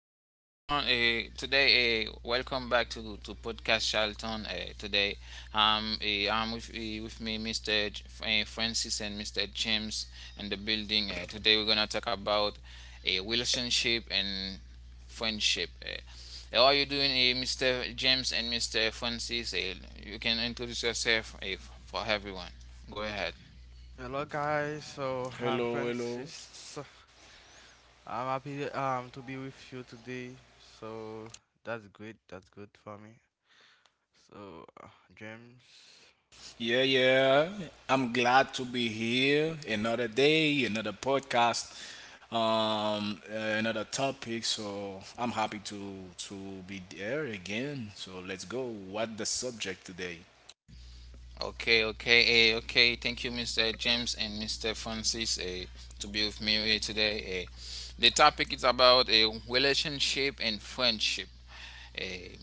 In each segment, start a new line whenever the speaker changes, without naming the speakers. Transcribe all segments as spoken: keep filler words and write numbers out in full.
Hello, everyone. Uh, today, uh, welcome back to to podcast Charlton. Uh, today, um, uh, I'm with uh, with me, mister J- uh, Francis and mister James in the building. Uh, today, we're gonna talk about a relationship and friendship. Uh, how are you doing, uh, mister James and mister Francis? Uh, you can introduce yourself uh, for everyone. Go ahead.
Hello guys, so I'm
Hello, hello.
Francis. I'm happy um to be with you today. So that's great. That's good for me. So uh, James.
Yeah, yeah. I'm glad to be here. Another day, another podcast, um, uh, another topic. So I'm happy to to be there again. So let's go. What the subject today?
Okay, okay, eh, okay. Thank you, mister James and mister Francis, eh, to be with me eh, today. Eh. The topic is about a relationship and friendship. Eh,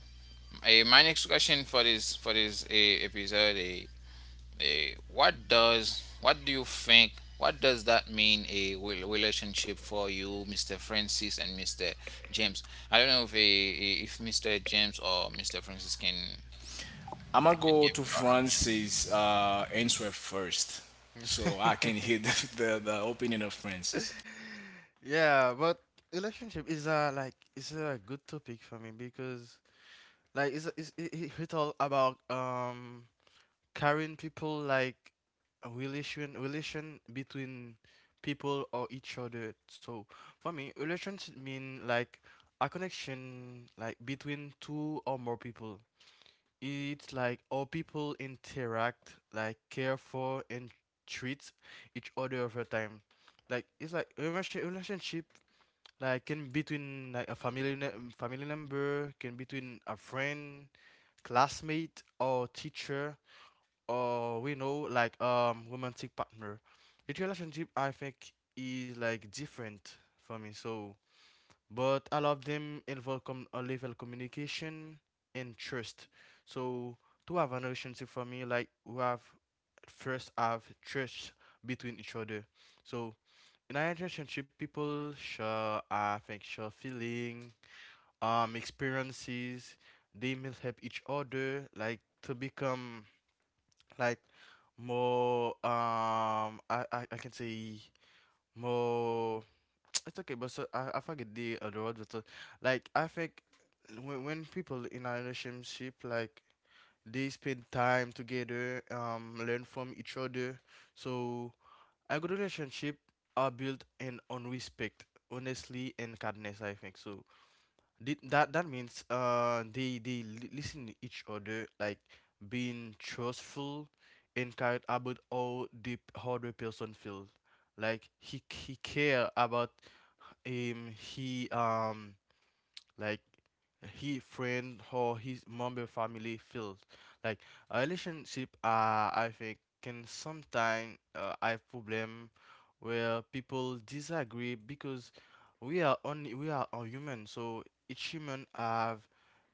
eh, my next question for this for this eh, episode: eh, eh, What does what do you think? What does that mean a re- relationship for you, mister Francis and mister James? I don't know if eh, eh, if mister James or mister Francis can
I'm gonna
can
go
give
to
your opinion.
Francis uh, answer first, so I can hear the, the, the opinion of Francis.
Yeah, but relationship is a like it's a good topic for me because like it's it's it, it- it's all about um carrying people like a relation relation between people or each other. So for me, relations mean like a connection like between two or more people. It's like how people interact, like care for and treat each other over time. Like it's like a relation, relationship like can between like a family ne- um, family member, can between a friend, classmate or teacher or we know like um romantic partner. Each relationship I think is like different for me, so but all of them involve com- a level communication and trust. So to have a relationship for me, like we have first have trust between each other. So in a relationship people share, I think, share feeling, um experiences. They may help each other like to become like more um I, I, I can say more. It's okay but so I, I forget the other word, but uh, like I think when, when people in a relationship like they spend time together, um learn from each other. So a good relationship are built in on respect, honestly and kindness, I think. So Th- that that means uh they they li- listen to each other, like being trustful and cared about how the how the person feels, like he he care about him, he um like he friend or his member family feels. Like a relationship, uh, I think, can sometimes uh, have problem where people disagree because we are only we are a human, so each human have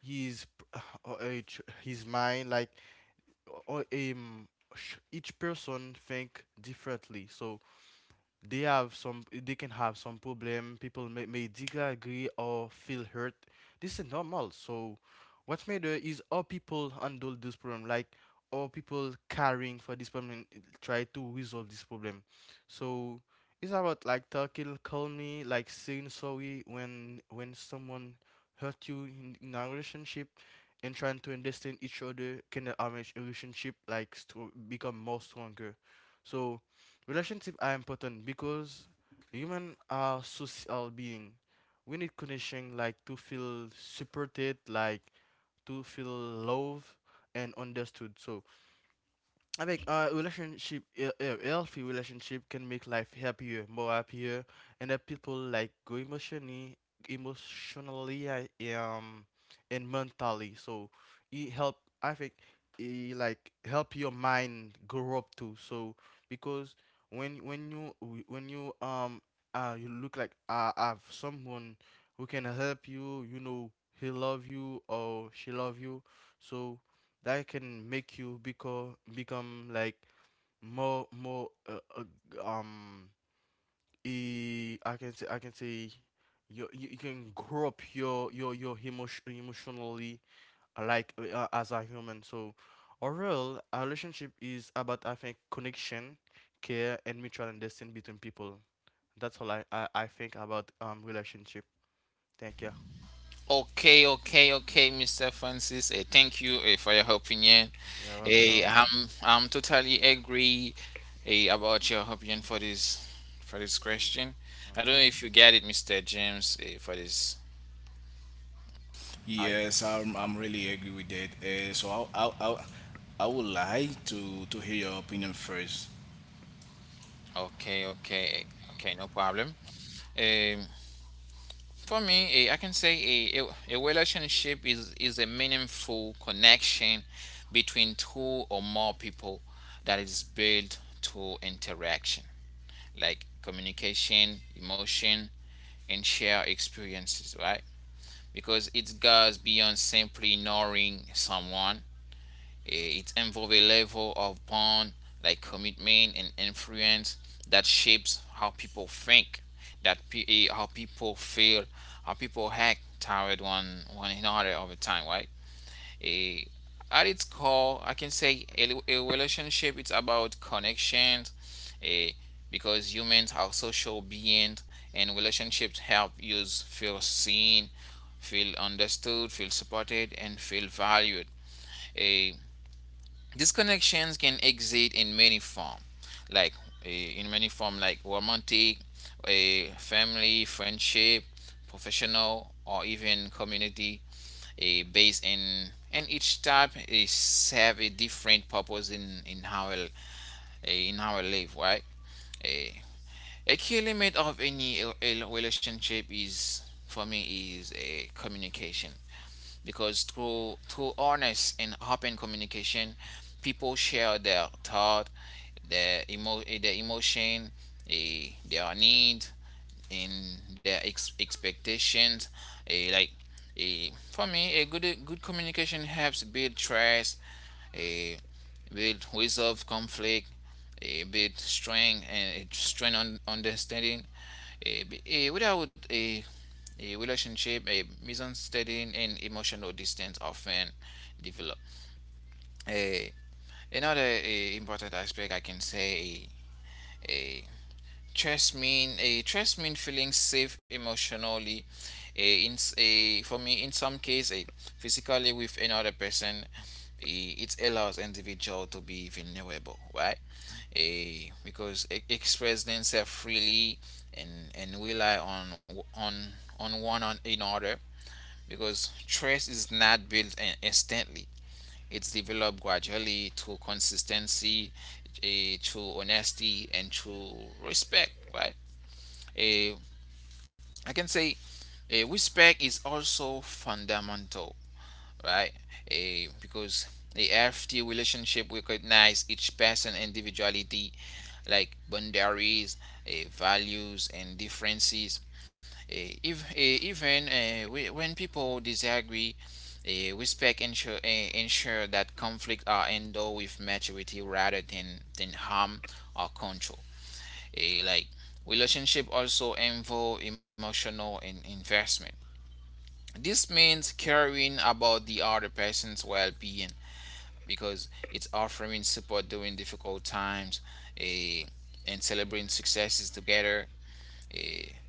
his p- or each- his mind, like or um sh- each person think differently. So they have some, they can have some problem. People may, may disagree or feel hurt. This is normal. So what matter is how people handle this problem, like how people caring for this problem and try to resolve this problem. So it's about like talking calmly, like saying sorry when when someone hurt you in, in a relationship, and trying to understand each other can help our relationship like st- become more stronger. So relationship are important because human are social being. We need connection, like to feel supported, like to feel loved and understood. So I think a relationship a, a healthy relationship can make life happier, more happier, and that people like go emotionally, emotionally, I- um, and mentally. So it help. I think it like help your mind grow up too. So because when when you when you um uh you look like uh have someone who can help you, you know he love you or she love you, so that can make you become become like more more uh, uh, um e- I can say I can say you you you can grow up your your your emotion emotionally, uh, like uh, as a human. So overall, a relationship is about, I think, connection, care, and mutual understanding between people. That's all I I, I think about um relationship. Thank you.
Okay, okay, okay, mister Francis. Uh, thank you uh, for your opinion.
You're
Uh,
welcome.
I'm I'm totally agree uh, about your opinion for this for this question. I don't know
Hmm.
if you get it, mister James, uh, for this. I
Yes, I'm, I'm really agree with that. Uh, so I I I I would like to to hear your opinion first.
Okay, okay, okay, no problem. Um, for me, eh, I can say a, a, a relationship is, is a meaningful connection between two or more people that is built through interaction like communication, emotion, and shared experiences, right? Because it goes beyond simply knowing someone. Eh, It involves a level of bond, like commitment and influence that shapes how people think, that pe- eh, how people feel, how people act toward one one another over time, right? Eh, at its core, I can say a, a relationship is about connections, eh, because humans are social beings and relationships help you feel seen, feel understood, feel supported, and feel valued. Eh, these connections can exist in many forms, like eh, in many form like romantic, a family, friendship, professional, or even community a base in and each type is have a different purpose in in how in our life. Live right? A, a key element of any relationship is, for me, is a communication, because through through honest and open communication people share their thought their emo their emotion, a, their need in their ex- expectations. eh, like eh, for me, a good a good communication helps build trust, eh, build resolve conflict, eh, build strength and uh, strength on understanding. Eh, be- eh, without a a relationship, a misunderstanding and emotional distance often develop. Eh, another eh, important aspect, I can say. Eh, eh, Trust mean a trust mean feeling safe emotionally, a in a for me, in some case, a physically with another person. eh, It allows individual to be vulnerable, right? A because e- express themselves freely and and rely on on on one on another. Because trust is not built in- instantly; it's developed gradually through consistency, eh, through honesty, and through respect, right? uh, I can say uh, respect is also fundamental, right? Uh, because the healthy relationship recognize each person individuality, like boundaries, uh, values, and differences. Uh, if uh, even uh, whe- when people disagree, uh, respect ensure uh, ensure that conflict are handled with maturity rather than than harm or control. Eh, like Relationship also involve emotional in- investment. This means caring about the other person's well-being because it's offering support during difficult times, eh, and celebrating successes together. Eh,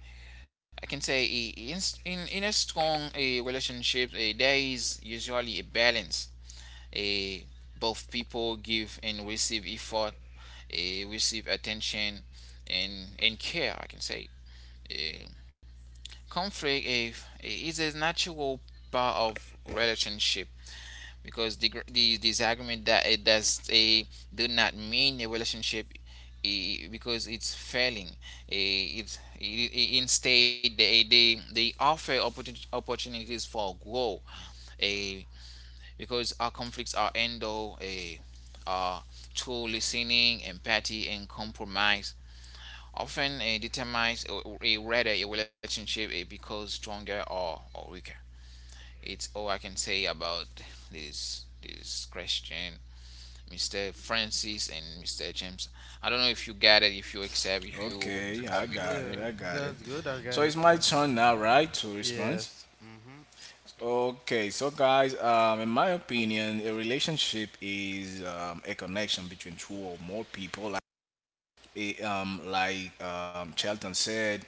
I can say eh, in in, in a strong eh, relationship, eh, there is usually a balance. Eh, Both people give and receive effort, eh, receive attention, and and care, I can say. Eh, Conflict eh, is a natural part of relationship, because the, gr- the disagreement that it does a do not mean a relationship eh, because it's failing. Eh, It's it, it, instead, they, they they offer opportun- opportunities for growth. A Because our conflicts are handled a uh, through listening, empathy, and compromise often uh, determines a whether a relationship it becomes stronger or, or weaker. It's all I can say about this this question, mister Francis and mister James. I don't know if you get it, if you accept, if you
Okay, I
totally
got it.
agree.
Yeah,
I got it.
that's good. I
So
got
it's
it.
my
Uh,
turn now, right, to respond?
Yes. Hmm.
Okay, so guys, um, in my opinion, a relationship is um, a connection between two or more people. Like, eh, um, like um, Charlton said,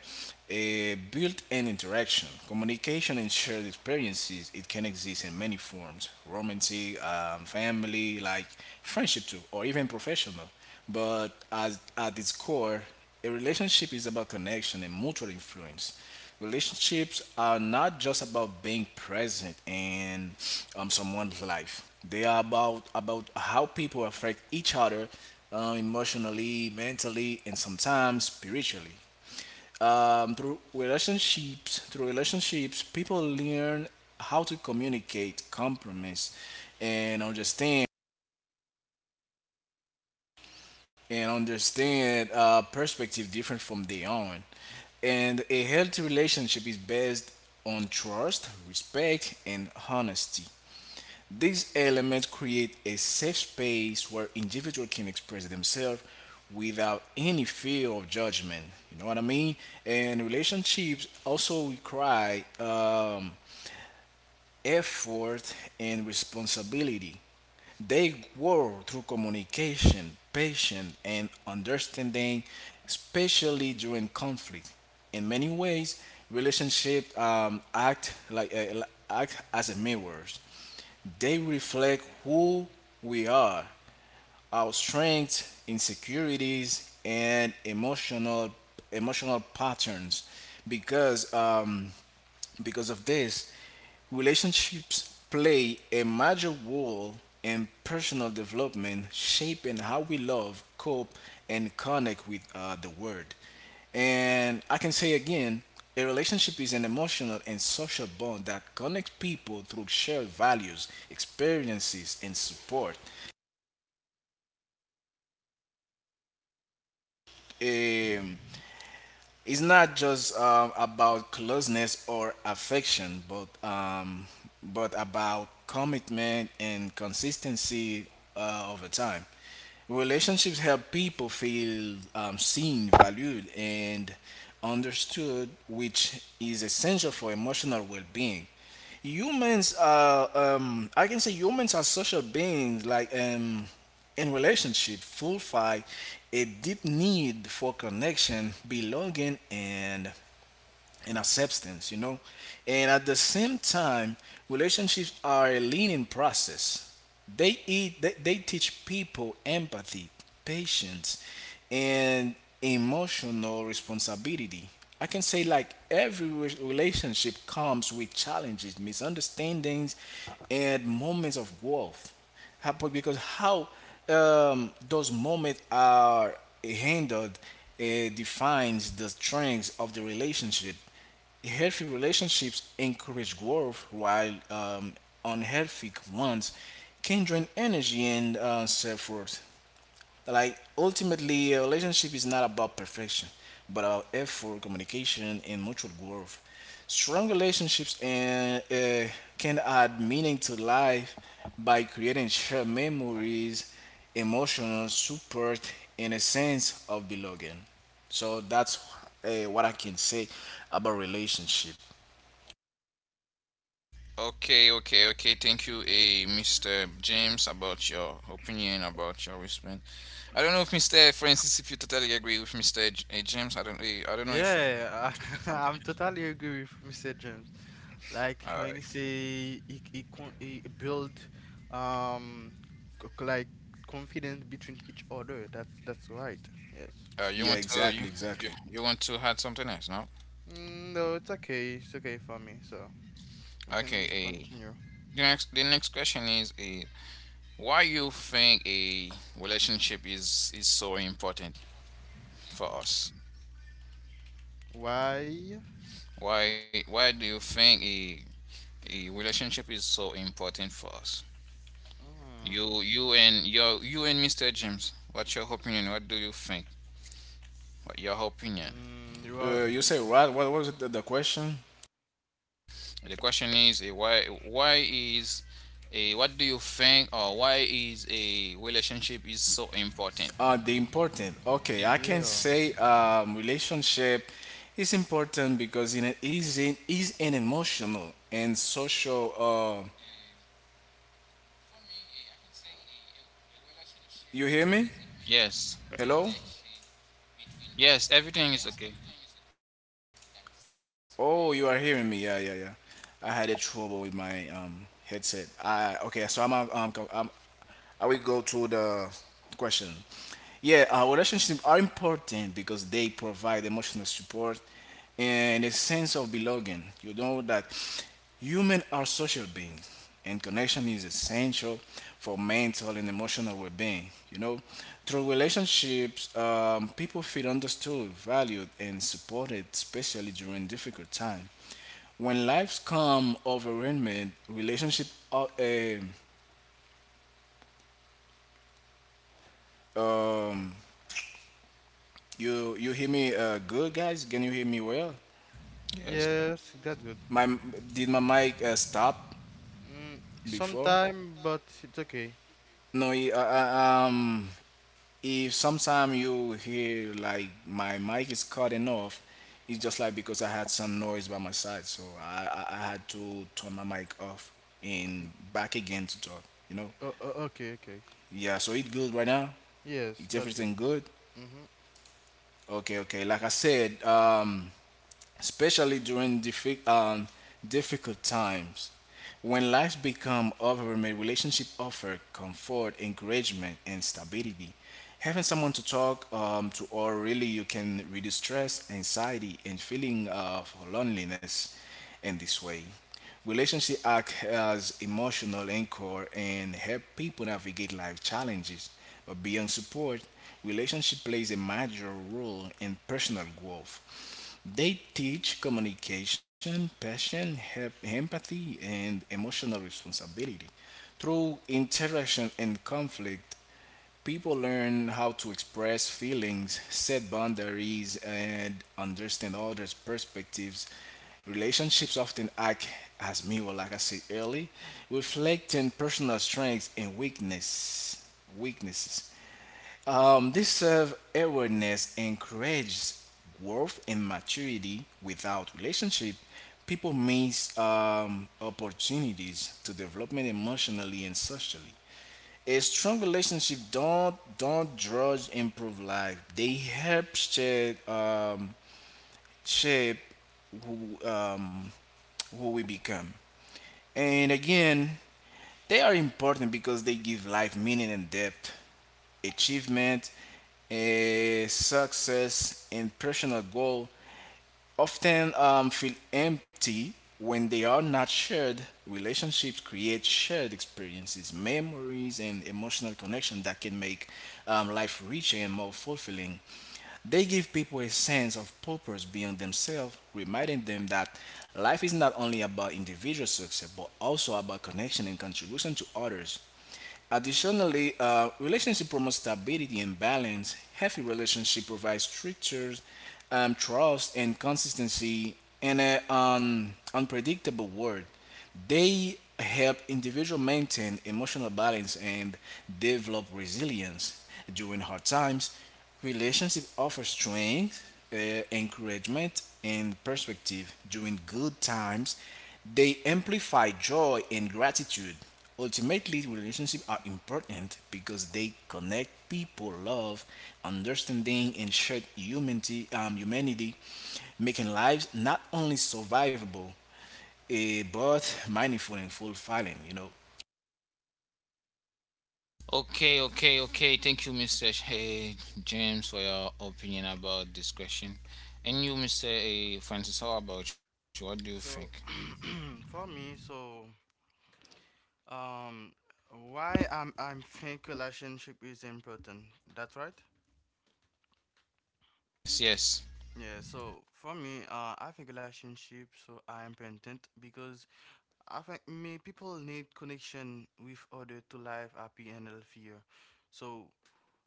a built-in interaction, communication, and shared experiences. It can exist in many forms: romantic, um, family, like friendship too, or even professional. But as at its core, a relationship is about connection and mutual influence. Relationships are not just about being present in um, someone's life. They are about about how people affect each other uh, emotionally, mentally, and sometimes spiritually. Um, through relationships, through relationships, people learn how to communicate, compromise, and understand and understand uh, perspective different from their own. And a healthy relationship is based on trust, respect, and honesty. These elements create a safe space where individuals can express themselves without any fear of judgment. You know what I mean? And relationships also require um, effort and responsibility. They grow through communication, patience, and understanding, especially during conflict. In many ways, relationships um, act like uh, like, act as a mirrors. They reflect who we are, our strengths, insecurities, and emotional emotional patterns, because um, because of this, relationships play a major role in personal development, shaping how we love, cope, and connect with uh, the world. And I can say again, a relationship is an emotional and social bond that connects people through shared values, experiences, and support. Um, It's not just um, about closeness or affection, but um, but about commitment and consistency uh, over time. Relationships help people feel um, seen, valued, and understood, which is essential for emotional well-being. Humans are um I can say humans are social beings like um in relationship fulfill a deep need for connection, belonging, and and acceptance, you know. And at the same time, relationships are a learning process. They eat, they, they teach people empathy, patience, and emotional responsibility. I can say like every re- relationship comes with challenges, misunderstandings, and moments of growth. How- but Because how um, those moments are handled uh, defines the strengths of the relationship. Healthy relationships encourage growth, while um, unhealthy ones can drain energy and uh, self worth. Like, ultimately, a relationship is not about perfection, but about effort, communication, and mutual growth. Strong relationships and, uh, can add meaning to life by creating shared memories, emotional support, and a sense of belonging. So that's uh, what I can say about relationship.
Okay, okay, okay. Thank you, eh, mister James, about your opinion, about your response. I don't know if mister Francis, if you totally agree with mister J- eh, James. I don't. eh, I don't know if you
Yeah,
want to add
I'm
something else.
totally agree with mister James. Like
Uh,
when you say he, he, con he build um c- c- like confidence between each other. That's that's right. Yes.
Uh, you
Yeah,
want to you,
exactly,
you
exactly.
you want to add something else? No.
Mm, no, it's okay. It's okay for me. So we
Okay.
can
A
continue.
The next the next question is a why you think a relationship is is so important for us?
Why?
Why why do you think a a relationship is so important for us?
Mm,
You you and your you and mister James. What's your opinion? What do you think? What your opinion?
mm, you are
Uh, you
to
say
begin.
right. What was it, the, the question?
The question is a why why is a what do you think, or why is a relationship is so important?
Uh, the important. Okay, I can
Yeah.
say um, relationship is important because it is in, is an emotional and social. Uh, you hear me?
Yes.
Hello?
Yes, everything is okay.
Oh, you are hearing me? Yeah, yeah, yeah. I had a trouble with my um headset. I okay. So I'm um, I'm I will go to the question. Yeah, uh, relationships are important because they provide emotional support and a sense of belonging. You know that humans are social beings, and connection is essential for mental and emotional well-being. You know, through relationships, um, people feel understood, valued, and supported, especially during difficult times when lives come overwhelming, relationship uh, um, You you hear me uh, good, guys? Can you hear me well?
Yes.
Yes, that's good.
My did my mic uh, stop
Mm,
before?
sometime, but it's okay.
No. y- Uh, uh, um, if sometime you hear like my mic is cutting off, it's just like because I had some noise by my side, so I I, I had to turn my mic off
Mm,
and back again to talk. You know?
o- o- okay, okay. Okay.
Yeah. So it good right now.
Yes,
It's
that's good.
everything good.
Mhm.
Okay. Okay. Like I said, um, especially during diffi- um, difficult times. When lives become overwhelming, relationship offer comfort, encouragement, and stability. Having someone to talk um, to, or really you can reduce stress, anxiety, and feeling of loneliness in this way. Relationship act as emotional anchor and help people navigate life challenges. But beyond support, relationship plays a major role in personal growth. They teach communication, passion, hep- empathy, and emotional responsibility. Through interaction and conflict, people learn how to express feelings, set boundaries, and understand others' perspectives. Relationships often act as mirror, like I said earlier, reflecting personal strengths and weakness, weaknesses. Um, this self awareness encourages growth and maturity. Without relationship, people miss um, opportunities to development emotionally and socially. A strong relationship don't don't judge improve life. They help shape um, shape who um, who we become. And again, they are important because they give life meaning and depth. Achievement a success and personal goal often um, feel empty when they are not shared. Relationships create shared experiences, memories, and emotional connection that can make um, life richer and more fulfilling. They give people a sense of purpose beyond themselves, reminding them that life is not only about individual success but also about connection and contribution to others. Additionally, uh, relationship promotes stability and balance. Healthy relationship provides structures, um, trust, and consistency in an um, unpredictable world. They help individual maintain emotional balance and develop resilience during hard times. Relationship offers strength, uh, encouragement, and perspective during good times. They amplify joy and gratitude. Ultimately, relationships are important because they connect people, love, understanding, and shared humanity, um, humanity, making lives not only survivable eh, both mindful and full filing, you know.
Okay, okay, okay. Thank you, mister Sh- Hey, James, for your opinion about this question. And you, mister eh, Francis, how about you? What do you think?
So for me, so um, why I'm I'm think relationship is important. That's right.
Yes, yes.
Yeah. So for me, uh, I think relationship so I important because I think me people need connection with other to live happy and healthier. So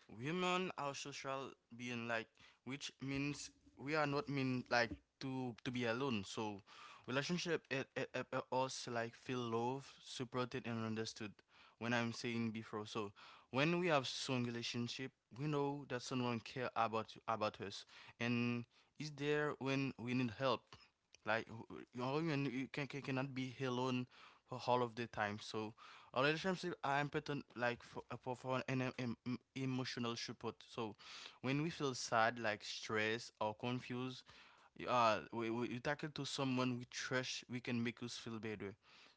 women are social being, like which means we are not mean like to to be alone. So relationship it it, it it also like feel love supported and understood when I'm saying before. So when we have strong relationship, we know that someone care about about us and is there when we need help, like who- all you you can, can cannot be alone for all of the time. So a relationship are important like for, uh, for, for an em- em- emotional support. So when we feel sad, like stressed or confused, y- uh, we, we, you tackle to someone we trust, we can make us feel better.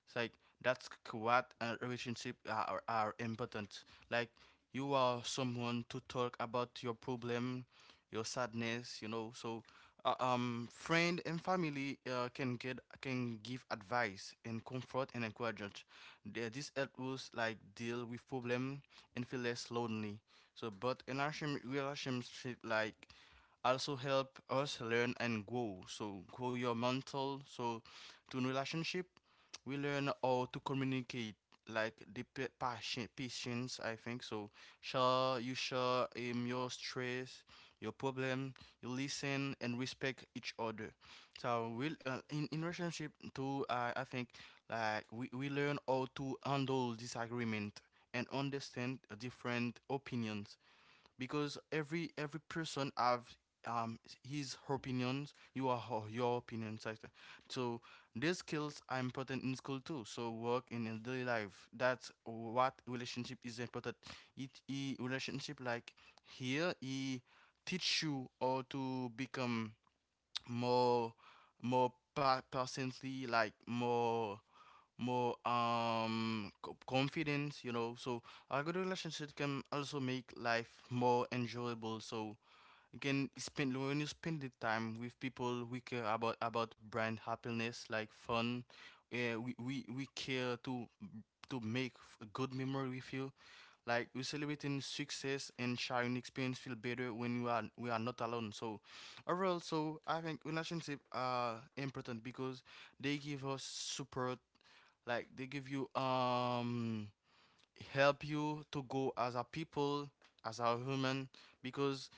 It's like that's what a relationship are, are important. Like you are someone to talk about your problem, your sadness, you know. So, uh, um, friend and family uh, can get can give advice and comfort and encouragement. The- This help us like deal with problem and feel less lonely. So, but in our relationship, like also help us learn and grow. So grow your mental. So to relationship we learn how to communicate, like the pa- passion patience, I think. So share you share um, your stress, your problem. You listen and respect each other. So we, uh, in, in relationship too, I i think like we, we learn how to handle disagreement and understand different opinions, because every every person have um his her opinions. You are her, your opinion sector. So these skills are important in school too, so work in a daily life. That's what relationship is important. it, it relationship like here he teach you how to become more more pa- personally, like more more um co- confidence, you know. So a good relationship can also make life more enjoyable. So you can spend when you spend the time with people we care about about brand happiness like fun. Yeah, we, we we care to to make f- a good memory with you. Like we celebrating success and sharing experience feel better when we are we are not alone. So overall, so I think relationship are important because they give us support, like they give you um help you to go as a people, as a human, because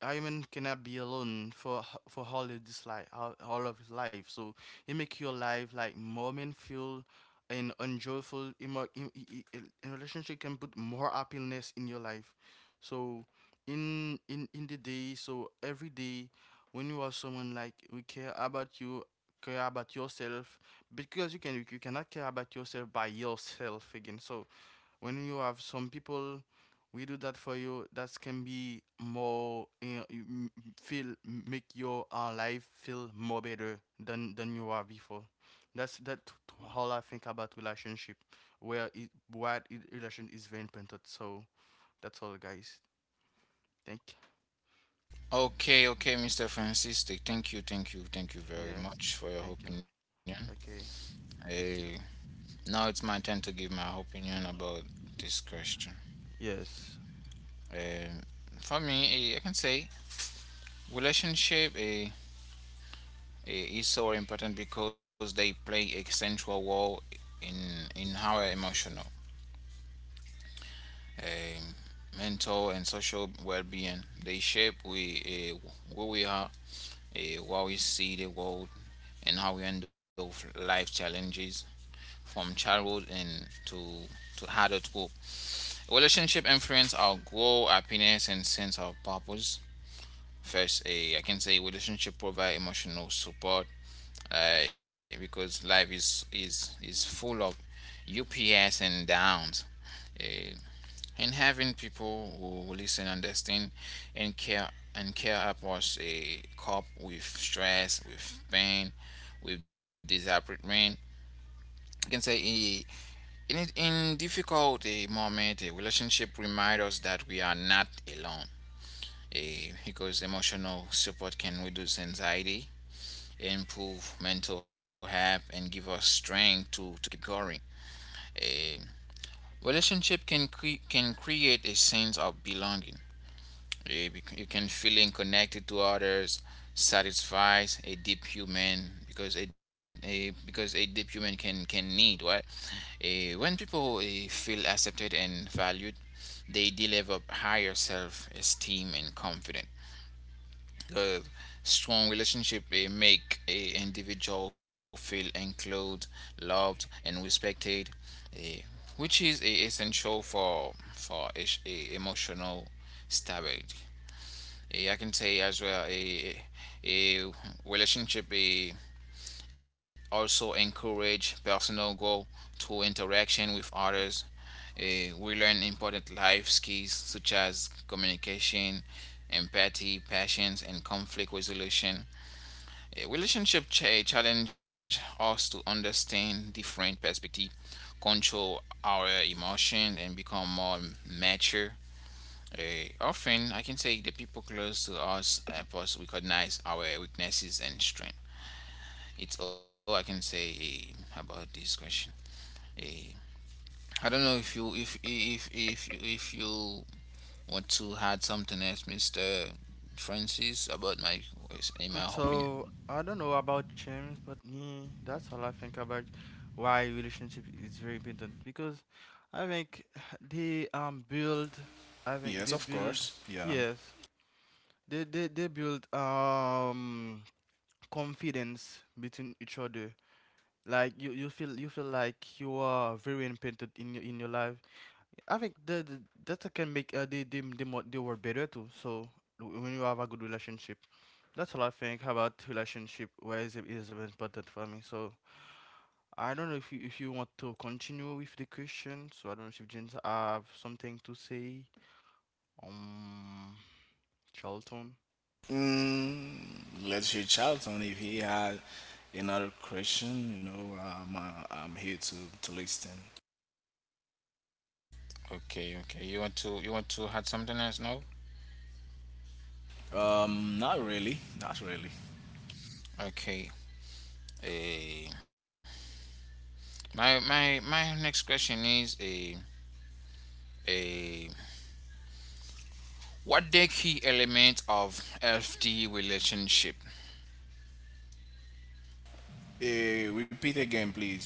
Iron cannot be alone for h- for all of this life, all, all of his life. So it make your life like more meaningful and enjoyable. Emo- in, in, in in relationship can put more happiness in your life. So in in in the day, so every day, when you are someone like we care about you, care about yourself, because you can you cannot care about yourself by yourself again. So when you have some people we do that for you that can be more eh, m- feel make your uh, life feel more better than than you are before. That's that t- t- how I think about relationship, where it what it, relation is very important. So that's all guys, thank.
Okay, okay, mister Francis. th- Thank you, thank you, thank you very
Yes,
much for your
thank you.
opinion.
Okay.
Eh, Now it's my turn to give my opinion about this question.
Well, yes.
Um, for me, eh, I can say relationship eh, is so important because they play a central role in in our emotional, um, mental, and social well-being. They shape we uh, who we are, uh, how we see the world, and how we handle life challenges from childhood and to to adulthood. Relationship influence our goal, happiness, and sense of purpose. First, eh, I can say relationship provide emotional support, uh, because life is is is full of ups and downs, eh, and having people who listen, understand, and care and care about us eh, cope with stress, with pain, with disappointment. I can say eh, In it- in difficult eh, moment, a relationship reminds us that we are not alone, eh, because emotional support can reduce anxiety, improve mental health, and give us strength to to keep going. Eh, Relationship can cre- can create a sense of belonging. Eh, bec- You can feeling connected to others satisfies a deep human. Because a, a because a deep human can can need what? Eh, when people eh, feel accepted and valued, they develop higher self esteem and confidence. A strong relationship eh, make a individual feel included, loved, and respected, eh, which is eh, essential for for es- eh, emotional stability. Eh, I can say as well, a a relationship eh, also encourage personal growth through interaction with others. Eh, we learn important life skills such as communication, empathy, patience, and conflict resolution. A relationship cha- challenge us to understand different perspective, control our emotion, and become more mature. Eh, often, I can say, the people close to us help us recognize our weaknesses and strength. It's all I can say eh, about this question. Eh, I don't know if you if if if if you want to add something else, Mister Francis, about my in my opinion.
So I don't know about James, but me, that's all I think about why relationship is very important because I think they um build, I think
Yes,
they
of
build,
course. Yeah.
yes, they they they build um confidence between each other. Like you, you feel you feel like you are very important in your in your life. I think that that can make uh, they, they they mo- they were better too. So when you have a good relationship. That's all I think about relationship. Why is it is important for me? So I don't know if you if you want to continue with the question. So I don't know if James have something to say. Um, Charlton.
Mm, let's reach out if he had another question. You know, um, uh, I'm here to to listen.
Okay, okay. You want to you want to add something else now?
Um, not really. Not really.
Okay. Uh, my my my next question is a a what the key element of F T relationship?
Eh, repeat again, please.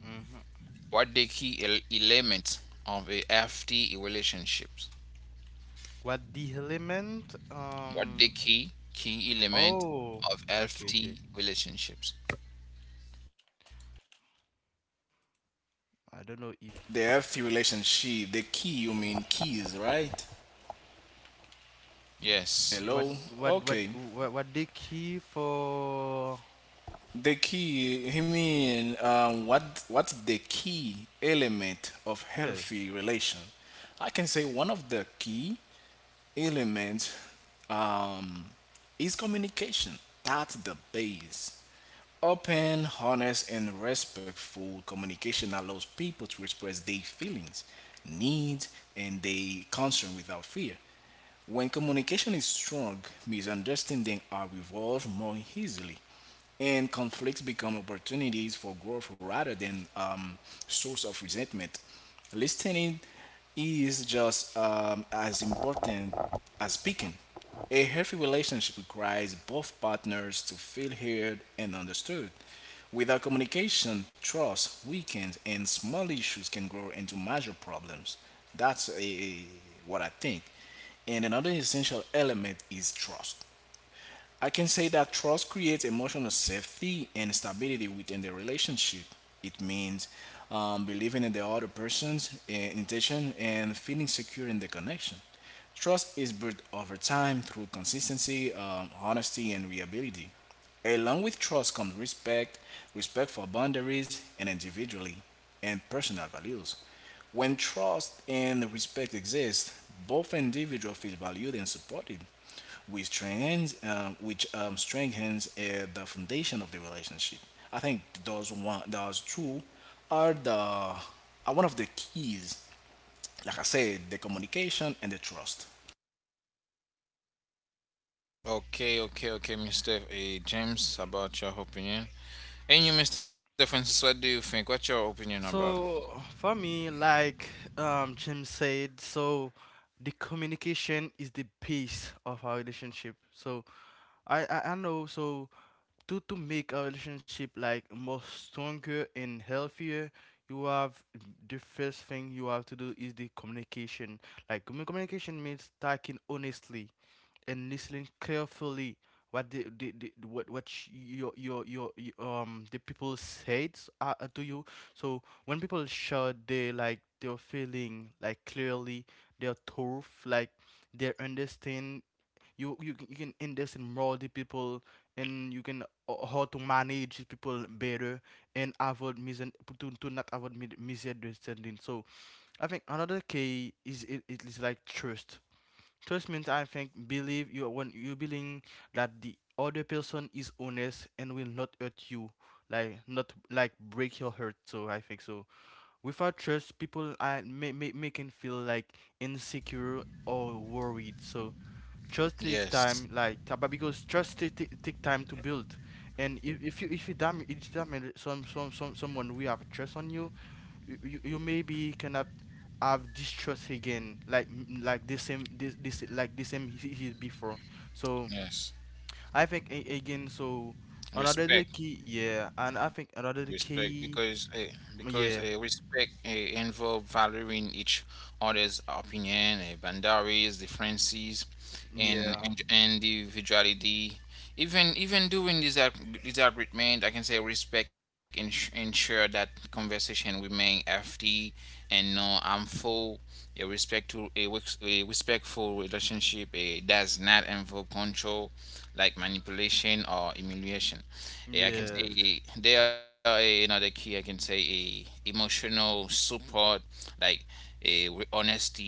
Mm-hmm.
What the key el- element of a F T relationships?
What the element?
What the
Um.
key key element
Oh.
of
Okay. Okay.
F T relationships?
I don't know if
The healthy relationship, the key. You mean keys, right?
Yes.
what
Hello.
what what
Okay.
what what the key for.
The key, you mean, um, what what's the key element of
Yes.
healthy relation? I can say one of the key elements um, is communication. That's the base. Open, honest, and respectful communication allows people to express their feelings, needs, and their concern without fear. When communication is strong, misunderstandings are resolved more easily and conflicts become opportunities for growth rather than um, source of resentment. Listening is just um, as important as speaking. A healthy relationship requires both partners to feel heard and understood. Without communication, trust weakens, and small issues can grow into major problems. That's a, what I think. And another essential element is trust. I can say that trust creates emotional safety and stability within the relationship. It means um, believing in the other person's uh, intention and feeling secure in the connection. Trust is built over time through consistency, um, honesty, and reliability. Along with trust comes respect, respect for boundaries and individually, and personal values. When trust and respect exist, both individuals feel valued and supported, which strengthens um, which um, strengthens uh, the foundation of the relationship. I think those one those two are the are one of the keys. Like I said, the communication and the trust.
Okay, okay, okay, mister A. James, about your opinion. And you, mister Francis, what do you think? What's your opinion about?
So for me, like um, Jim said, so the communication is the base of our relationship. So I, I, I know so to to make our relationship like more stronger and healthier, you have the first thing you have to do is the communication. Like commu- communication means talking honestly and listening carefully what the, the, the what what sh- your, your your y- um the people said uh, uh, to you. So when people share their like their feeling like clearly, their truth, like their understand, you you, c- you can understand more the people and you can uh, how to manage the people better and avoid mis- to, to not avoid mi- misunderstanding. So I think another key is it, it is like trust. Trust means, I think, believe you when you believe that the other person is honest and will not hurt you, like not like break your heart. So I think so. Without trust, people are may, may, may feel like insecure or worried. So trust
Yes,
take time, like ta- but because trust take, take, take time to build. And if, if you if you damage, damage some some some someone we have trust on you you, you you maybe cannot have distrust again, like like the same, this this like the same he, he before, so
yes.
I think a- again so another, the
Respect.
key. Yeah, and I think another the
Respect, because
key,
uh, because uh,
yeah
respect uh, involve valuing each other's opinion, uh, boundaries, differences, and,
yeah
and individuality. Even even during this ag- disagreement, I can say respect ens- ensure that conversation remain healthy and no harmful. A respect to a, wi- a respectful relationship uh, does not involve control, like manipulation or humiliation. Yeah, I can
yes
say they are a, another key. I can say a emotional support, like a with honesty.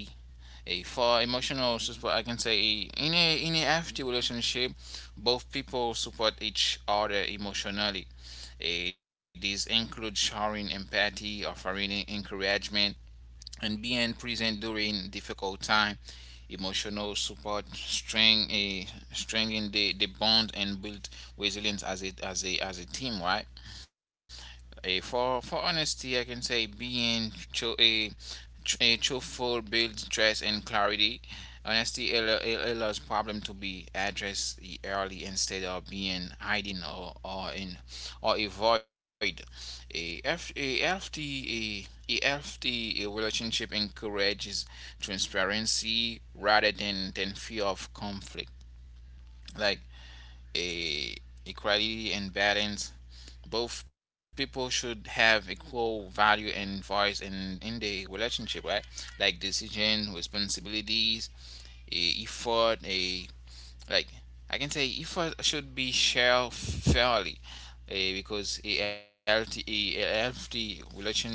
A For emotional support, I can say, in a in a healthy relationship, both people support each other emotionally. Eh, these include showing empathy, offering encouragement, and being present during difficult time. Emotional support strength, a strengthen the, the bond and build resilience as a as a as a team, right? A For for honesty, I can say being tru- a tr- a truthful builds trust and clarity. Honesty allo- a- allows problem to be addressed early instead of being hiding, or, or in or avoid. A F a healthy, a, a healthy uh, relationship encourages transparency rather than than fear of conflict. Like a equality and balance, both people should have equal value and voice in in the relationship, right? Like decision, responsibilities, eh, effort. A like I can say effort should be shared fairly, eh, because a healthy, a healthy relationship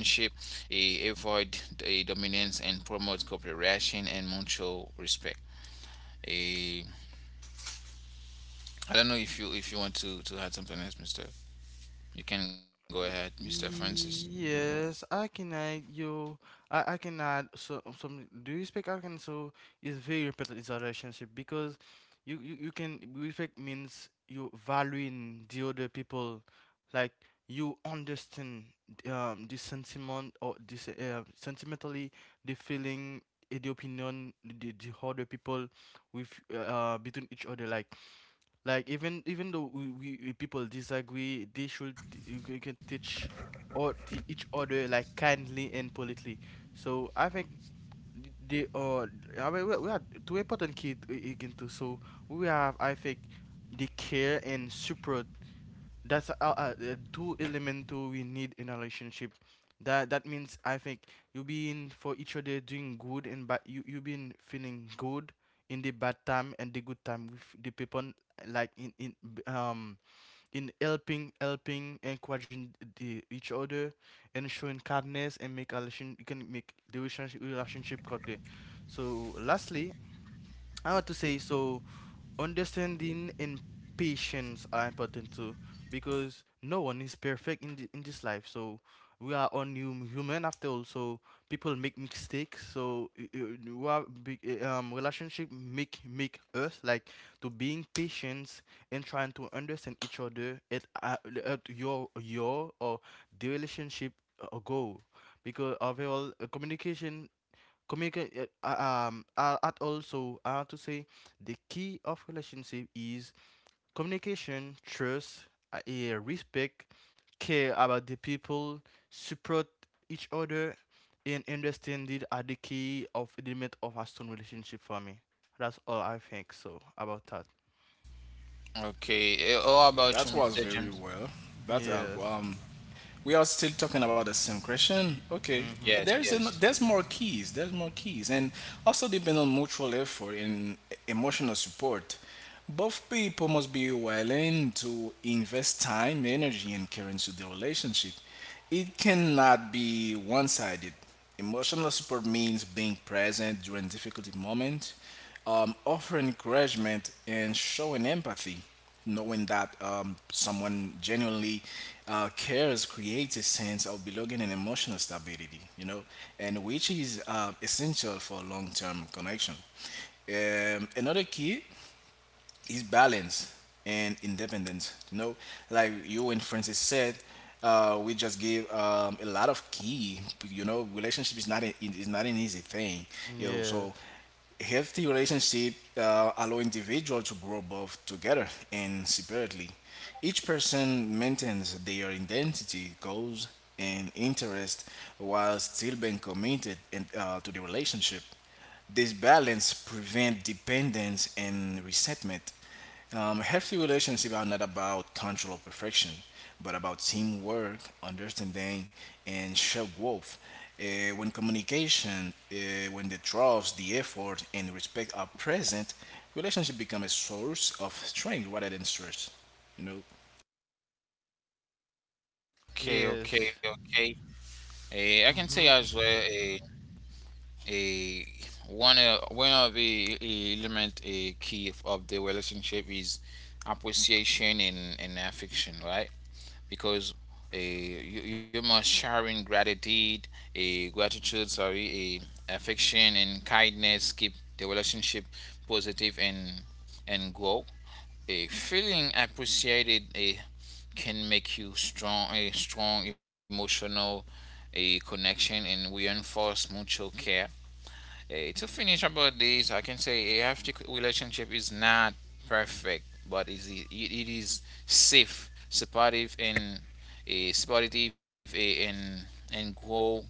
eh, avoid the dominance and promote cooperation and mutual respect. Eh, I don't know if you if you want to to add something else, Mister. You can go ahead, Mister Francis.
Yes, I cannot. You, I, I cannot. So some, do respect, I can so, is very important in a relationship because you, you you can respect means you valuing the other people, like you understand um the sentiment, or this uh, sentimentally the feeling, eh, the opinion, the the other people with uh, uh between each other, like like even even though we, we, we people disagree, they should t- you can you can teach or t- each other like kindly and politely. So I think they are. I mean, we we are two important kids i- i- into, so we have, I think, they care and support. That's a, a, a two element too we need in a relationship. That that means, I think, you being for each other doing good, and but you you been feeling good in the bad time and the good time with the people, like in in b- um in helping helping encouraging the each other, and showing kindness and make a relation. You can make the relationship relationship good. So lastly, I want to say so understanding and patience are important too because no one is perfect in, the, in this life, so we are only hum- human after all, so people make mistakes. So y- y- we are big, eh, um relationship make make us like to being patient and trying to understand each other at, uh, at your your or the relationship uh, goal, because overall uh, communication. Communicate. Uh, uh, Um, uh, at also, I have to say the key of relationship is communication, trust, uh, eh, respect, care about the people, support each other, and understanding are the key of element of a strong relationship for me. That's all I think so about that.
Okay. eh, All about you,
That was
Mister
very
James.
well. That uh,
Yes.
um, we are still talking about the same question. Okay,
Yes,
Mhm.
yes.
there's an, there's more keys. There's more keys, and also depend on mutual effort and emotional support. Both people must be willing to invest time, energy, and care into the relationship. It cannot be one sided. Emotional support means being present during difficult moments, um, offering encouragement, and showing empathy. Knowing that um, someone genuinely uh, cares creates a sense of belonging and emotional stability, you know, and which is uh, essential for long term connection. Um, another key is balance and independence. You know, like you and Francis said, uh, we just gave um, a lot of key. You know, relationship is not a, is not an easy thing. You know, so
Yes.
healthy relationship uh, allow individual to grow both together and separately. Each person maintains their identity, goals, and interest while still being committed in, uh, to the relationship. This balance prevents dependence and resentment. Um, a healthy relationship are not about control or perfection, but about teamwork, understanding, and shared growth. Uh, when communication, uh, when the trust, the effort, and respect are present, relationship become a source of strength rather than stress. You know.
Okay, okay,
Yes.
okay. Eh, I can say
Mhm.
as well a a one uh, one of the eh, element a key of of the relationship is appreciation and, and affection, right? Because uh, you, you must sharing gratitude, a gratitude, sorry, a affection and kindness keep the relationship positive and and grow. A Feeling appreciated, a can make you strong a strong emotional a connection and reinforce mutual care. Eh, to finish about this, I can say a healthy relationship is not perfect, but it is e, it is safe, supportive, and a uh, supportive eh, and and grow.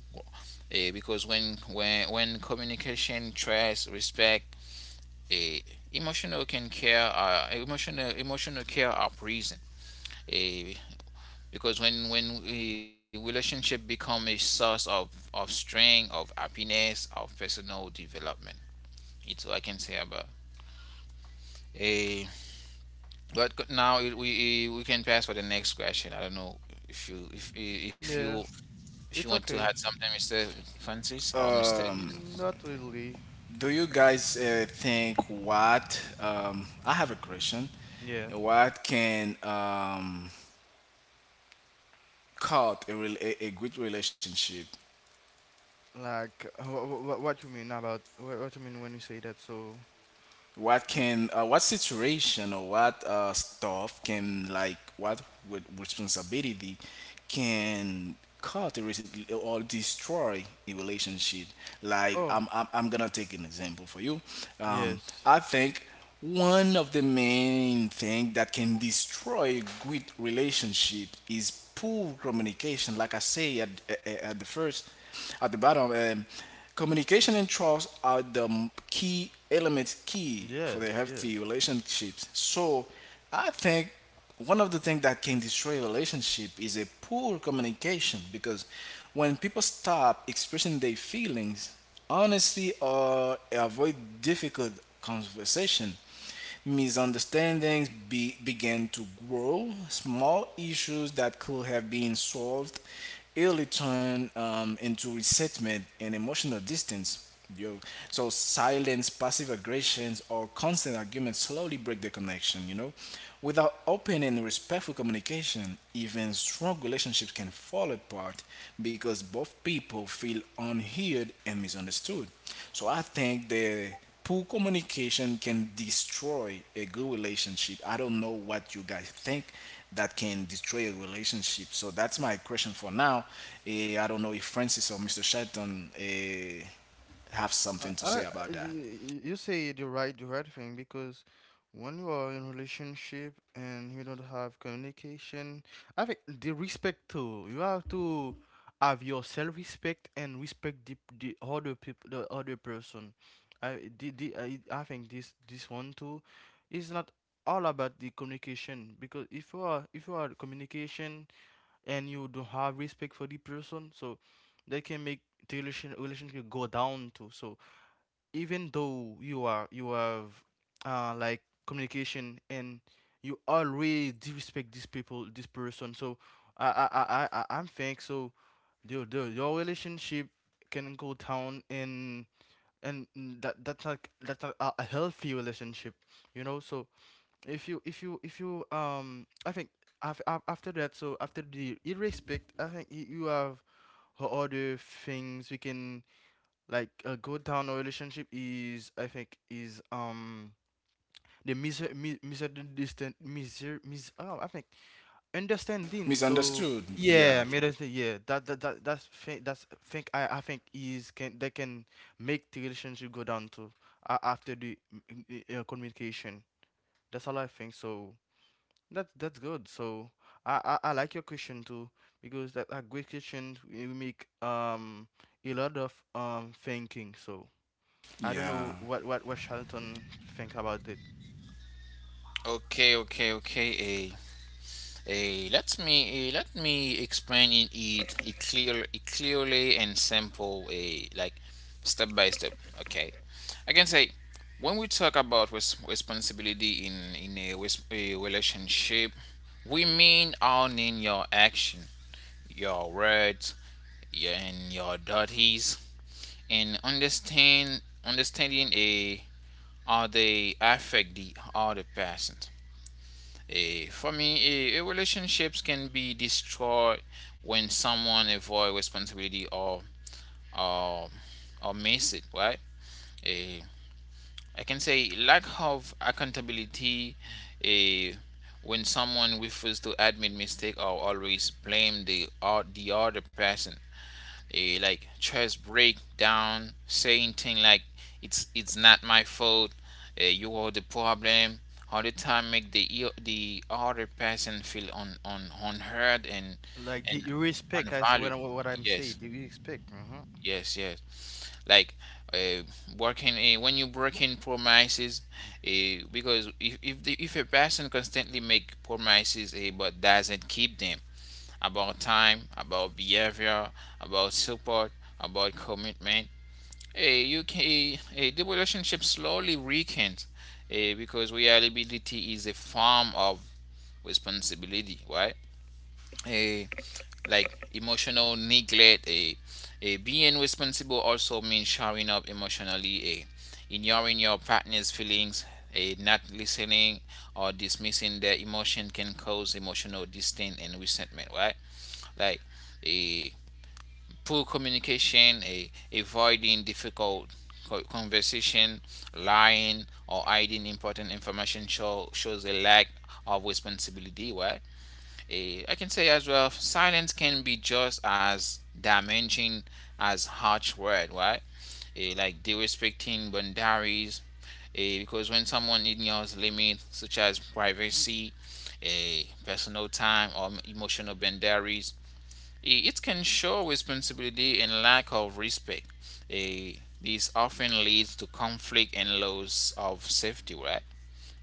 eh, Because when when when communication, trust, respect, a emotional can care, uh, emotional emotional care are present. Eh, because when when a relationship become a source of of strength of happiness of personal development, it's all I can say about. A But now it- we eh, we can pass for the next question. I don't know if you if eh, if
Yeah.
you if you
It's
want to
okay.
add something, Mr. Francis or Mr.
Um,
James.
Not really.
do you guys uh, think what? Um, I have a question.
Yeah.
What can um, cut a, rel- a, a good relationship?
Like, what, what you mean about, what, what you mean when you say that? So,
What can uh, what situation or what uh, stuff can, like, what with responsibility can cut a rela- or destroy a relationship? Like,
oh,
i'm i'm, I'm gonna take an example for you. um,
yes,
I think one of the main thing that can destroy a good relationship is poor communication, like I say at, at, at the first, at the bottom. um, Communication and trust are the m- key elements, key for the
yes,
healthy
yes.
relationships. So I think one of the things that can destroy a relationship is a poor communication, because when people stop expressing their feelings honesty or avoid difficult conversation, misunderstandings be, began to grow. Small issues that could have been solved early turn um, into resentment and emotional distance. Yo, so silence, passive aggressions, or constant arguments slowly break the connection, you know? Without open and respectful communication, even strong relationships can fall apart because both people feel unheard and misunderstood. So I think the poor communication can destroy a good relationship. I don't know what you guys think that can destroy a relationship. So that's my question for now. Eh, I don't know if Francis or Mister Shelton eh have
I,
something to
I,
say about that.
you, you say the right, the right thing because when you are in relationship and you don't have communication, I think the respect too. You have to have your self respect and respect the the other people, the other person. I the, the I, I think this this one too is not all about the communication, because if you are if you are communication and you don't have respect for the person, so they can make the relation relationship go down too. So even though you are you have uh like communication and you always disrespect these people, this person. So I I I I I- am think so your your your relationship can go down, and and that that's not, that's not a a healthy relationship, you know. So if you if you if you um I think af- af- after that, so after the irrespect, I think you you have o- other things we can. Like a good town relationship is, I think is, um the miser mi- misunderstand, miser mis oh, I think understanding. So
Misunderstood.
yeah,
Yeah.
misundersta- yeah, that that, that that's think, that's think, i i think is can that can make the relationship go down to, uh, after the mm, mm, uh, communication. That's all I think so. That that's good. So I, I I like your question too, because that a great question will make um a lot of um thinking. So I don't
Yeah.
know what what what Charlton think about it.
Okay, okay, okay. A Eh, let me eh, let me explain it it, it clear it clearly and simple, eh, like step by step. Okay, I can say when we talk about res- responsibility in in a, res- a relationship, we mean owning your action, your words, your, and your duties, and understand understanding a how they affect the other person. Eh, for me, eh, eh, relationships can be destroyed when someone avoid responsibility or or or miss it, right? Eh, I can say lack of accountability. eh, when someone refuses to admit mistake or always blame the or the other person, eh, like just break down saying thing like it's it's not my fault, uh, you are the problem all the time, make the e- the other person feel un, un, unheard and
Like, do
and
you respect? I say what
unvalued.
I- what I'm saying.
Yes,
Do you respect? hmm
yes, yes, like uh, working uh, when you breaking promises, uh, because if if, the, if a person constantly make promises, uh, but doesn't keep them about time, about behavior, about support, about commitment. Hey, you can, hey, hey, the relationship slowly weakens, eh, because reliability is a form of responsibility, right? Eh, like emotional neglect. Eh, eh, being responsible also means showing up emotionally, eh, ignoring your partner's feelings, eh, not listening or dismissing their emotion can cause emotional distance and resentment, right? Like, eh, poor communication, a, avoiding difficult conversation, lying, or hiding important information show, shows a lack of responsibility. Right? A, I can say as well, silence can be just as damaging as harsh word. Right? Eh, like disrespecting boundaries. Eh, because when someone ignores limits such as privacy, eh, personal time, or emotional boundaries, Eh, it can show responsibility and lack of respect. Eh, this often leads to conflict and loss of safety, right?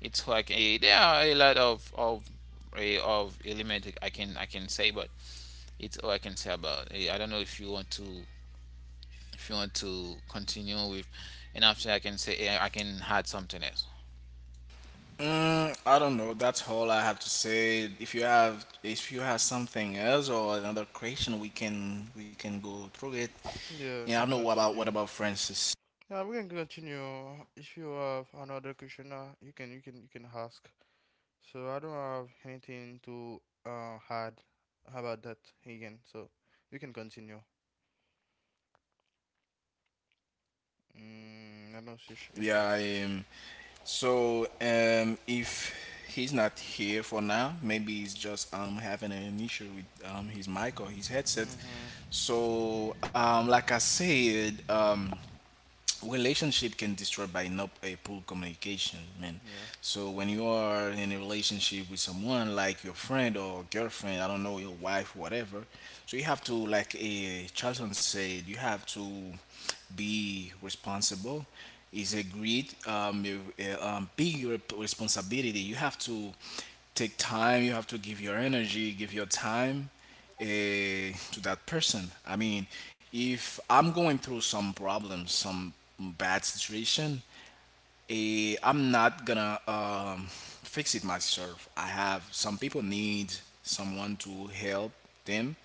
It's like, eh, there are a lot of of eh, of element I can I can say, but it's all I can say about it. I don't know if you want to if you want to continue with, and after I can say, eh, I can add something else.
Mm, I don't know. That's all I have to say. If you have, if you have something else or another question, we can we can go through it. Yeah,
Yeah,
I don't
can
know what about what
continue.
about Francis.
Yeah, we can continue. If you have another question, uh, you can you can you can ask. So I don't have anything to uh add about that again. So you can continue. Mm, I don't see sh- if,
Yeah,
short.
I um, so um, if he's not here for now, maybe he's just um having an issue with um his mic or his headset.
Mm-hmm.
So um, like I said. um. Relationship can destroy by not a poor communication, man.
Yes.
So when you are in a relationship with someone, like your friend or girlfriend, I don't know, your wife, whatever, so you have to, like a Charlton said, you have to be responsible. Is a great um, a- a, um, big rep- responsibility. You have to take time, you have to give your energy, give your time eh, to that person. I mean, if I'm going through some problems, some bad situation, eh, I'm not gonna um, fix it myself. I have some people need someone to help them.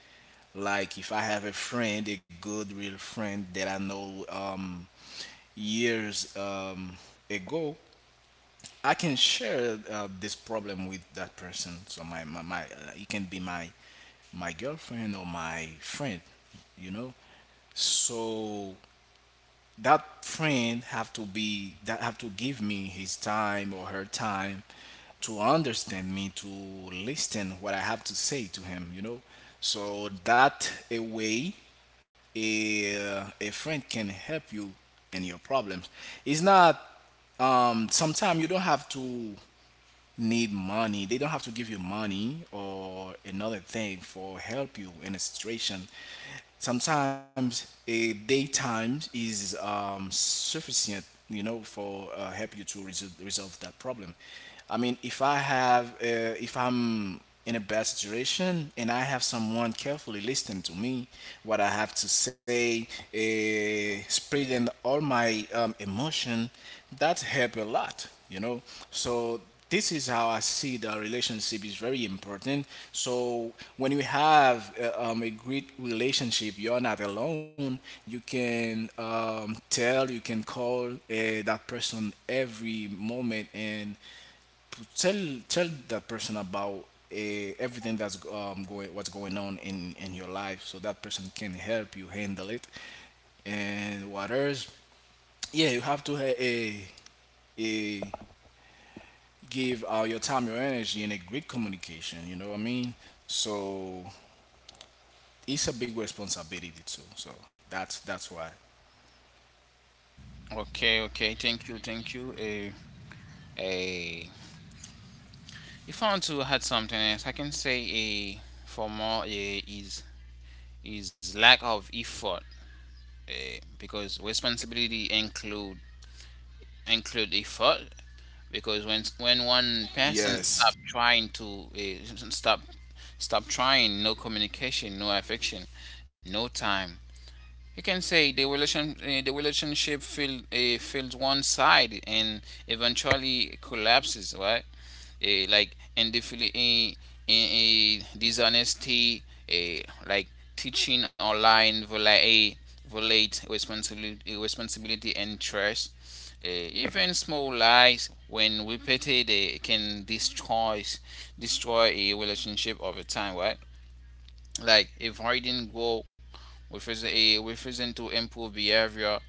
Like if I have a friend, a good real friend that I know um, years um, ago, I can share uh, this problem with that person. So my my, my uh, it can be my my girlfriend or my friend, you know. So that friend have to be, that have to give me his time or her time to understand me, to listen what I have to say to him, you know. So that a way a, a friend can help you in your problems. It's not um sometimes you don't have to need money. They don't have to give you money or another thing for help you in a situation. Sometimes a daytime is um, sufficient, you know, for uh, help you to resolve, resolve that problem. I mean, if I have uh, if I'm in a bad situation and I have someone carefully listening to me what I have to say, uh, spreading all my um, emotion, that help a lot, you know. So this is how I see, the relationship is very important. So when you have uh, um, a great relationship, you're not alone. You can um, tell, you can call uh, that person every moment and p- tell tell that person about uh, everything that's um, going what's going on in in your life, so that person can help you handle it. And what else? Yeah, you have to have a a give uh, your time, your energy, and a great communication. You know what I mean? So it's a big responsibility too. So that's that's why.
Okay, okay, thank you, thank you. A. A. If I want to add something else, I can say a for more a is is lack of effort, uh, because responsibility include include effort, because when when one person
Yes.
stop trying to, uh, stop stop trying, no communication, no affection, no time, you can say the relation uh, the relationship feel, uh, feels one side and eventually collapses, right? Uh, like and the feel- uh, in a dishonesty, uh, like teaching or lying violate, uh, violate responsibility responsibility and trust. Uh, even small lies, when repeated, uh, can destroy destroy a relationship over time, right? Like avoiding hiding goal, refers a refusing to improve behavior,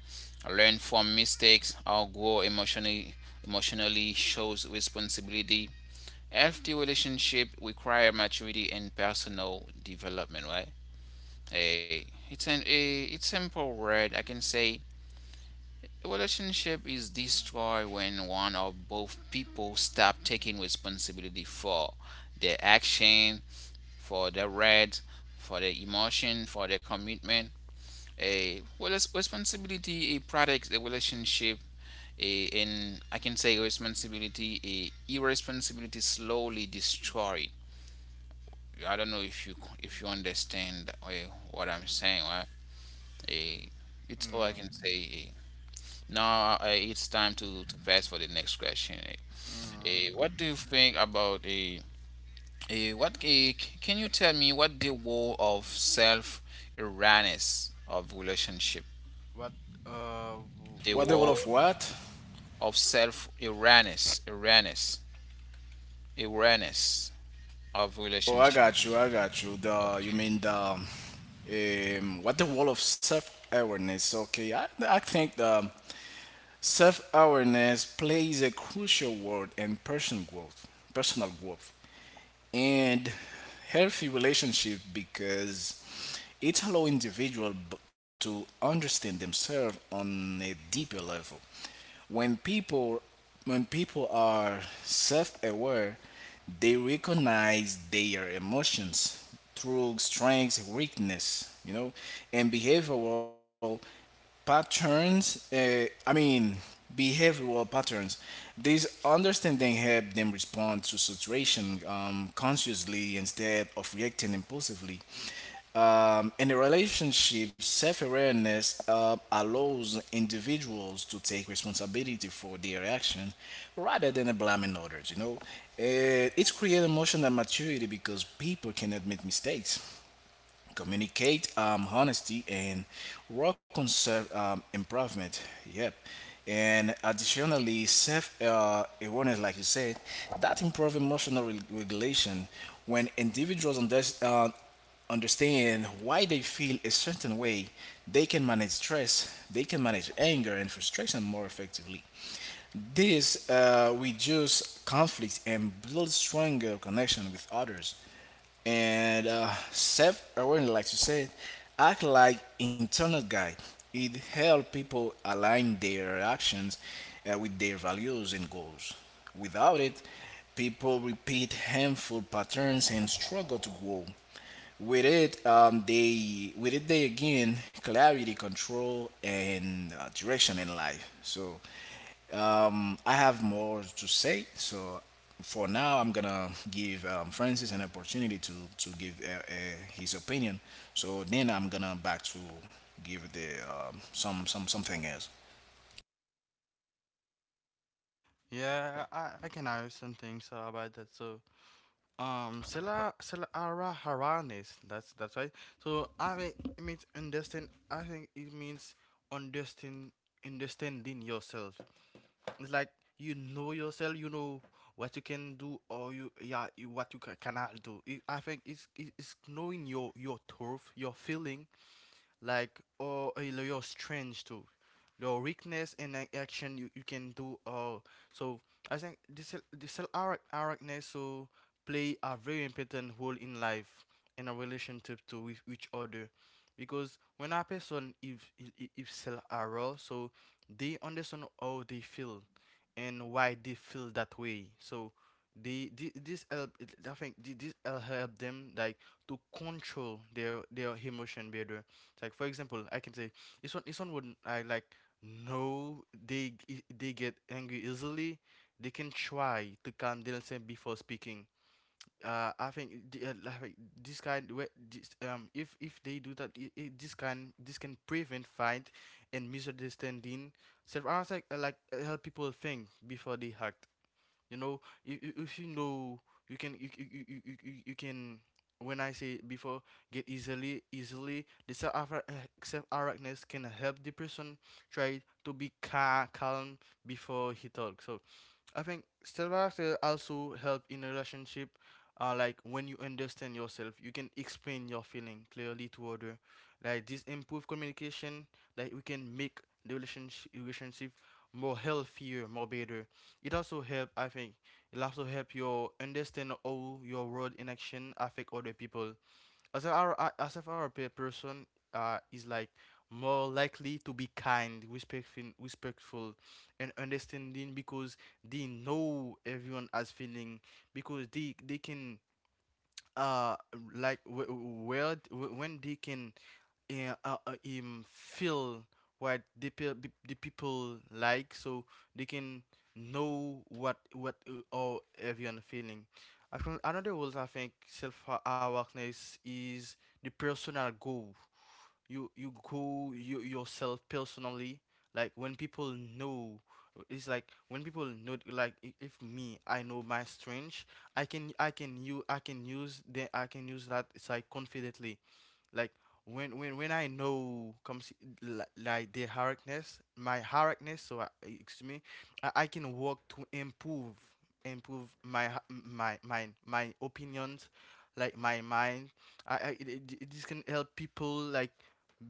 learn from mistakes, or grow emotionally. Emotionally shows responsibility. Healthy relationship require maturity and personal development, right? Hey, it's an a it's simple word, I can say a relationship is destroyed when one or both people stop taking responsibility for their action, for the red, for the emotion, for the commitment. A Well, it's responsibility, a product, a relationship, a and I can say responsibility, a irresponsibility slowly destroyed. I don't know if you if you understand uh, what I'm saying. Right? Eh, it's all I
Mm-hmm.
can say. eh. Now, uh, it's time to, to pass for the next question. eh.
Mm.
Eh, what do you think about a Eh, what eh, can you tell me what the wall of self awareness of relationship?
What? Uh, w-
What
The
the
you can
role of
repeat.
wall
what?
of self awareness, awareness, awareness of
Oh, I
relationship.
got you. I got you. The, you
Okay.
mean the, um, what the role of self awareness? Okay, I I think the self awareness plays a crucial role in personal growth. Personal growth and healthy relationship, because it allows individual to understand themselves on a deeper level. When people, when people are self-aware, they recognize their emotions through strengths, weakness, you know, and behavioral patterns, uh, I mean, behavioral patterns. This understanding help them respond to situation um, consciously, instead of reacting impulsively. Um, in a relationship, self awareness uh, allows individuals to take responsibility for their action rather than blaming others, you know. Uh, it creates emotional maturity because people can admit mistakes, communicate um, honesty, and work on self um, improvement. Yep. And additionally, self uh, awareness, like you said, that improve emotional re- regulation. When individuals under- uh, understand why they feel a certain way, they can manage stress, they can manage anger and frustration more effectively. This uh, reduces conflict and builds stronger connection with others. And uh, self-awareness, like you said, act like internal guide. It helps people align their actions uh, with their values and goals. Without it, people repeat harmful patterns and struggle to grow. With it, um, they with it they again clarity, control, and uh, direction in life. So um, I have more to say, so for now, I'm gonna give um, Francis an opportunity to to give uh, uh, his opinion. So then I'm gonna back to give the um, some some something else.
Yeah, I, I can hear some things uh, about that. So, um, Sela Sela Ara Haranes. That's that's right. So, I mean, it means understand. I think it means understand understanding yourself. It's like you know yourself. You know what you can do or you, yeah you, what you ca- cannot do. It, I think it's it's knowing your your truth, your feeling, like or uh, your strength too, your weakness and ac- action you, you can do all. So I think this this awareness so play a very important role in life and a relationship to with each other. Because when a person if if, if self aware, so they understand how they feel and why they feel that way. So they, thi- this help it- I think thi- this help help them like to control their their emotion better. Like for example, I can say this one. This one would I like. No, they g- they get angry easily. They can try to calm themselves before speaking. Uh, I think the, uh, like like, this kind where this, um if if they do that, I I this can this can prevent fight and misunderstanding. So I was like uh, like uh, help people think before they act. You know, if, if if you know, you can you, you, you, you, you you can. When I say before, get easily easily. The self self awareness can help the person try to be ca- calm before he talks. So I think self-awareness also help in a relationship. Uh, like when you understand yourself, you can explain your feeling clearly to other. Like this improve communication. Like we can make the relationship relationship more healthier, more better. It also help. I think it also help you understand how your word and action affect other people. As a Ar- a- as a European person, uh, is like more likely to be kind, respectful, respectful, and understanding because they know everyone has feeling, because they they can uh like wh- where when they can uh, uh, uh, um, feel what the, pe- pe- the people like. So they can know what what uh, all everyone feeling. I think another was, I think self awareness is the personal goal. you you go you yourself personally. Like when people know, it's like when people know, like i- if me, I know my strength. I can i can you i can use the, I can use that. It's like confidently, like when when when I know comes, li- like the hardness, my hardness. So I, excuse me, I, I can work to improve, improve my h- my my my opinions, like my mind. I, I it, it, it- this can help people like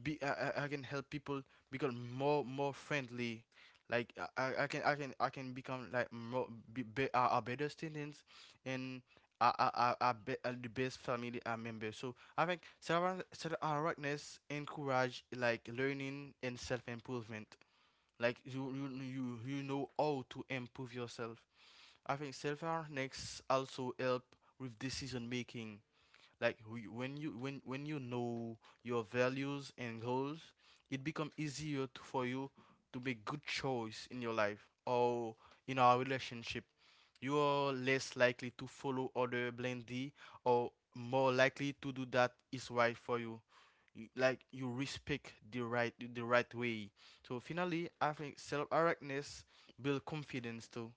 be, I, I I can help people become more more friendly. Like I, I I can I can I can become like more be, be, a, a better students, and a a a, a, be, a the best family uh, member. So I think self awareness encourage like learning and self improvement. Like you, you you you know how to improve yourself. I think self awareness also help with decision making. Like wh- when you when when you know your values and goals, it become easier to, for you, to make good choice in your life or in our relationship. You are less likely to follow other blindly, or more likely to do that is right for you. You, like you respect the right the right way. So finally, I think self-awareness build confidence too.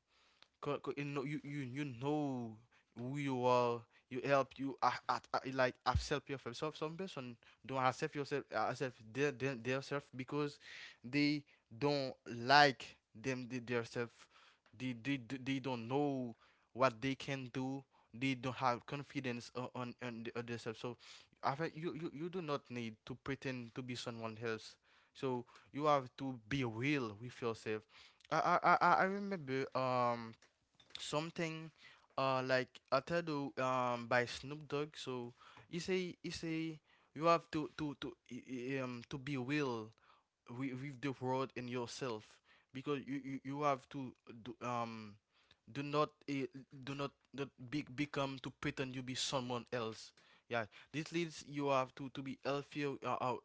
co- co- you know you, you you know who you are. You help you, I, I, I- like accept yourself. So some person don't accept yourself, uh, accept their, their their self because they don't like them the- their self. They, they d- they don't know what they can do. They don't have confidence o- on on, the- on themselves. So I think you, you you do not need to pretend to be someone else. So you have to be real with yourself. I I I I I remember um something, uh like I told you um by Snoop Dogg. So he say he say you have to to to i- i- um to be real with, with the world and yourself, because you, you, you have to do, um do not eh, do not, not be, become to pretend you be someone else. Yeah, this leads you have to to be healthier, uh, our,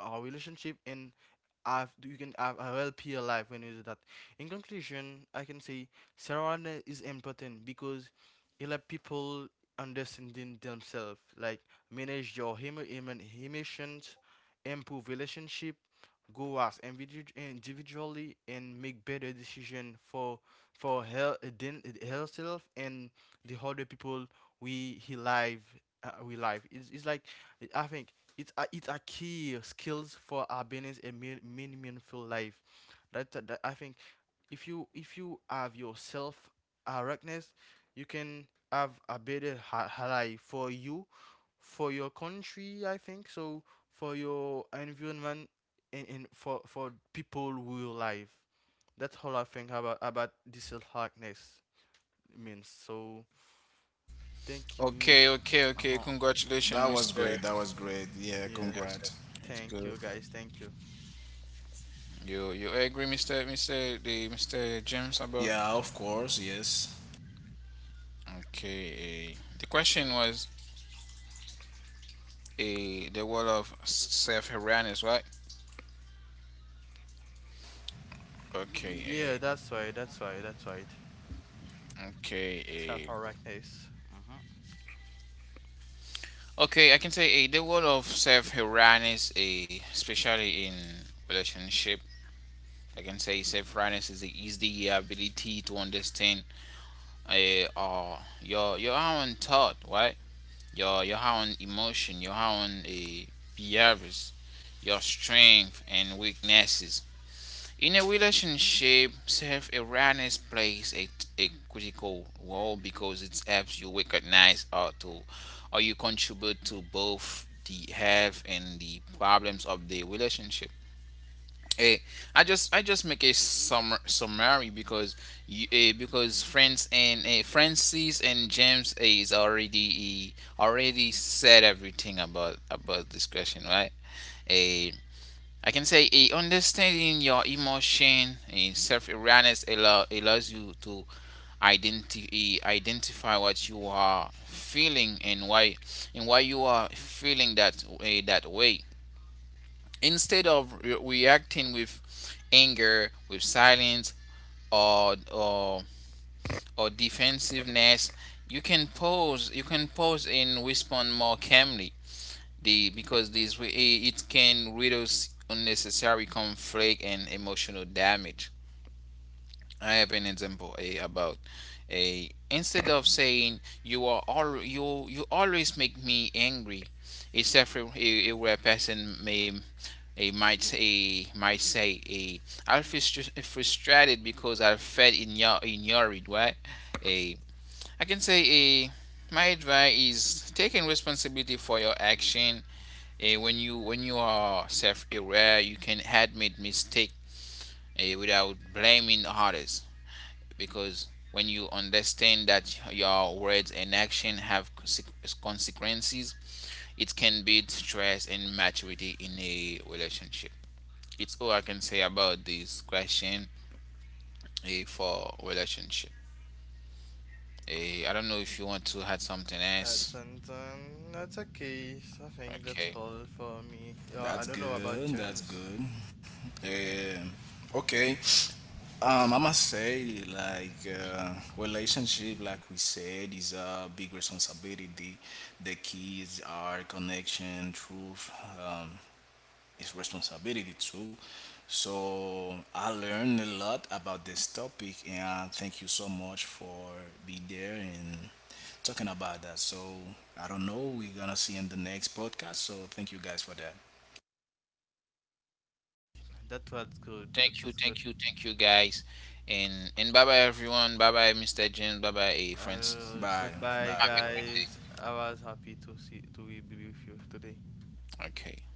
our relationship, and have you can have a healthier life when you do that. In conclusion, I can say surrounding is important because it let people understanding themselves, like manage your emo- emo- emotions, improve relationship, go as individ- individually, and make better decision for for her then, herself and the other people we he live, uh, we live. it's, it's like, I think it's a, it's a key skills for happiness and mean, mean- meaningful life. That, that I think if you if you have your self awareness, you can have a better ha- ha- life for you, for your country, I think so, for your environment, in, in for for people who live. That's all I think about about this likeness means. So thank you.
Okay. Okay.
Uh
Okay.
huh.
Congratulations,
That was
Mister.
great. That was great. Yeah,
Yes.
Yes, yes,
congrats.
it's
Thank
good.
you guys. Thank you.
You you agree, Mister Mister the Mister James about?
Yeah, of course, yes.
Okay. Eh, the question was a the wall of self awareness, right?
Yeah,
Okay.
that's right. That's right. That's right.
eh, okay.
Self
eh,
awareness. Mm-hmm.
Okay, I can say, eh, the word of self awareness, eh, especially in relationship, I can say self awareness is the, is the ability to understand, eh, uh, your your own thought, right? Your your own emotion, your own, eh, behaviors, your strength and weaknesses. In a relationship, self awareness plays a, a critical role because it helps you recognize or to or you contribute to both the health and the problems of the relationship. Eh, I just I just make a summer, summary, because you, eh, because friends and eh, Francis and James eh, is already eh, already said everything about about this question, right? Eh, I can say, eh, understanding your emotion, eh, self-awareness allow, allows you to identi- eh, identify what you are feeling and why and why you are feeling that way that way. Instead of re- reacting with anger, with silence, or or or defensiveness, you can pause. You can pause and respond more calmly, the because this it can reduce unnecessary conflict and emotional damage. I have an example, eh, about a instead of saying, you are all you you always make me angry, a several a, a rare person may a might a might say, a I feel frustrated because I felt igno- ignored. Right? A I can say, a my advice is taking responsibility for your action. Eh, when you when you are self-aware, you can admit mistake, eh, without blaming others. Because when you understand that your words and action have consequences, it can build trust and maturity in a relationship. It's all I can say about this question, eh, for relationship. Eh, I don't know if you want to add something
That's
else.
and um, that's okay. So I think that's
Okay.
all for me. Uh, I don't
That's
know about
good. That's
James.
good. Eh, okay. Um, I must say, like, uh, relationship, like we said, is a big responsibility. The keys are connection, truth, um, is responsibility too. So I learned a lot about this topic, and I thank you so much for being there and talking about that. So I don't know, we're gonna see in the next podcast. So thank you guys for that.
That was good. That
Thank you,
was good.
thank you, thank you, guys. And and bye bye everyone. Bye bye, Mister James. Bye bye, Francis.
Uh,
Bye.
goodbye,
Have
Bye.
a great
Bye.
day.
guys. I was happy to see to be with you today.
Okay.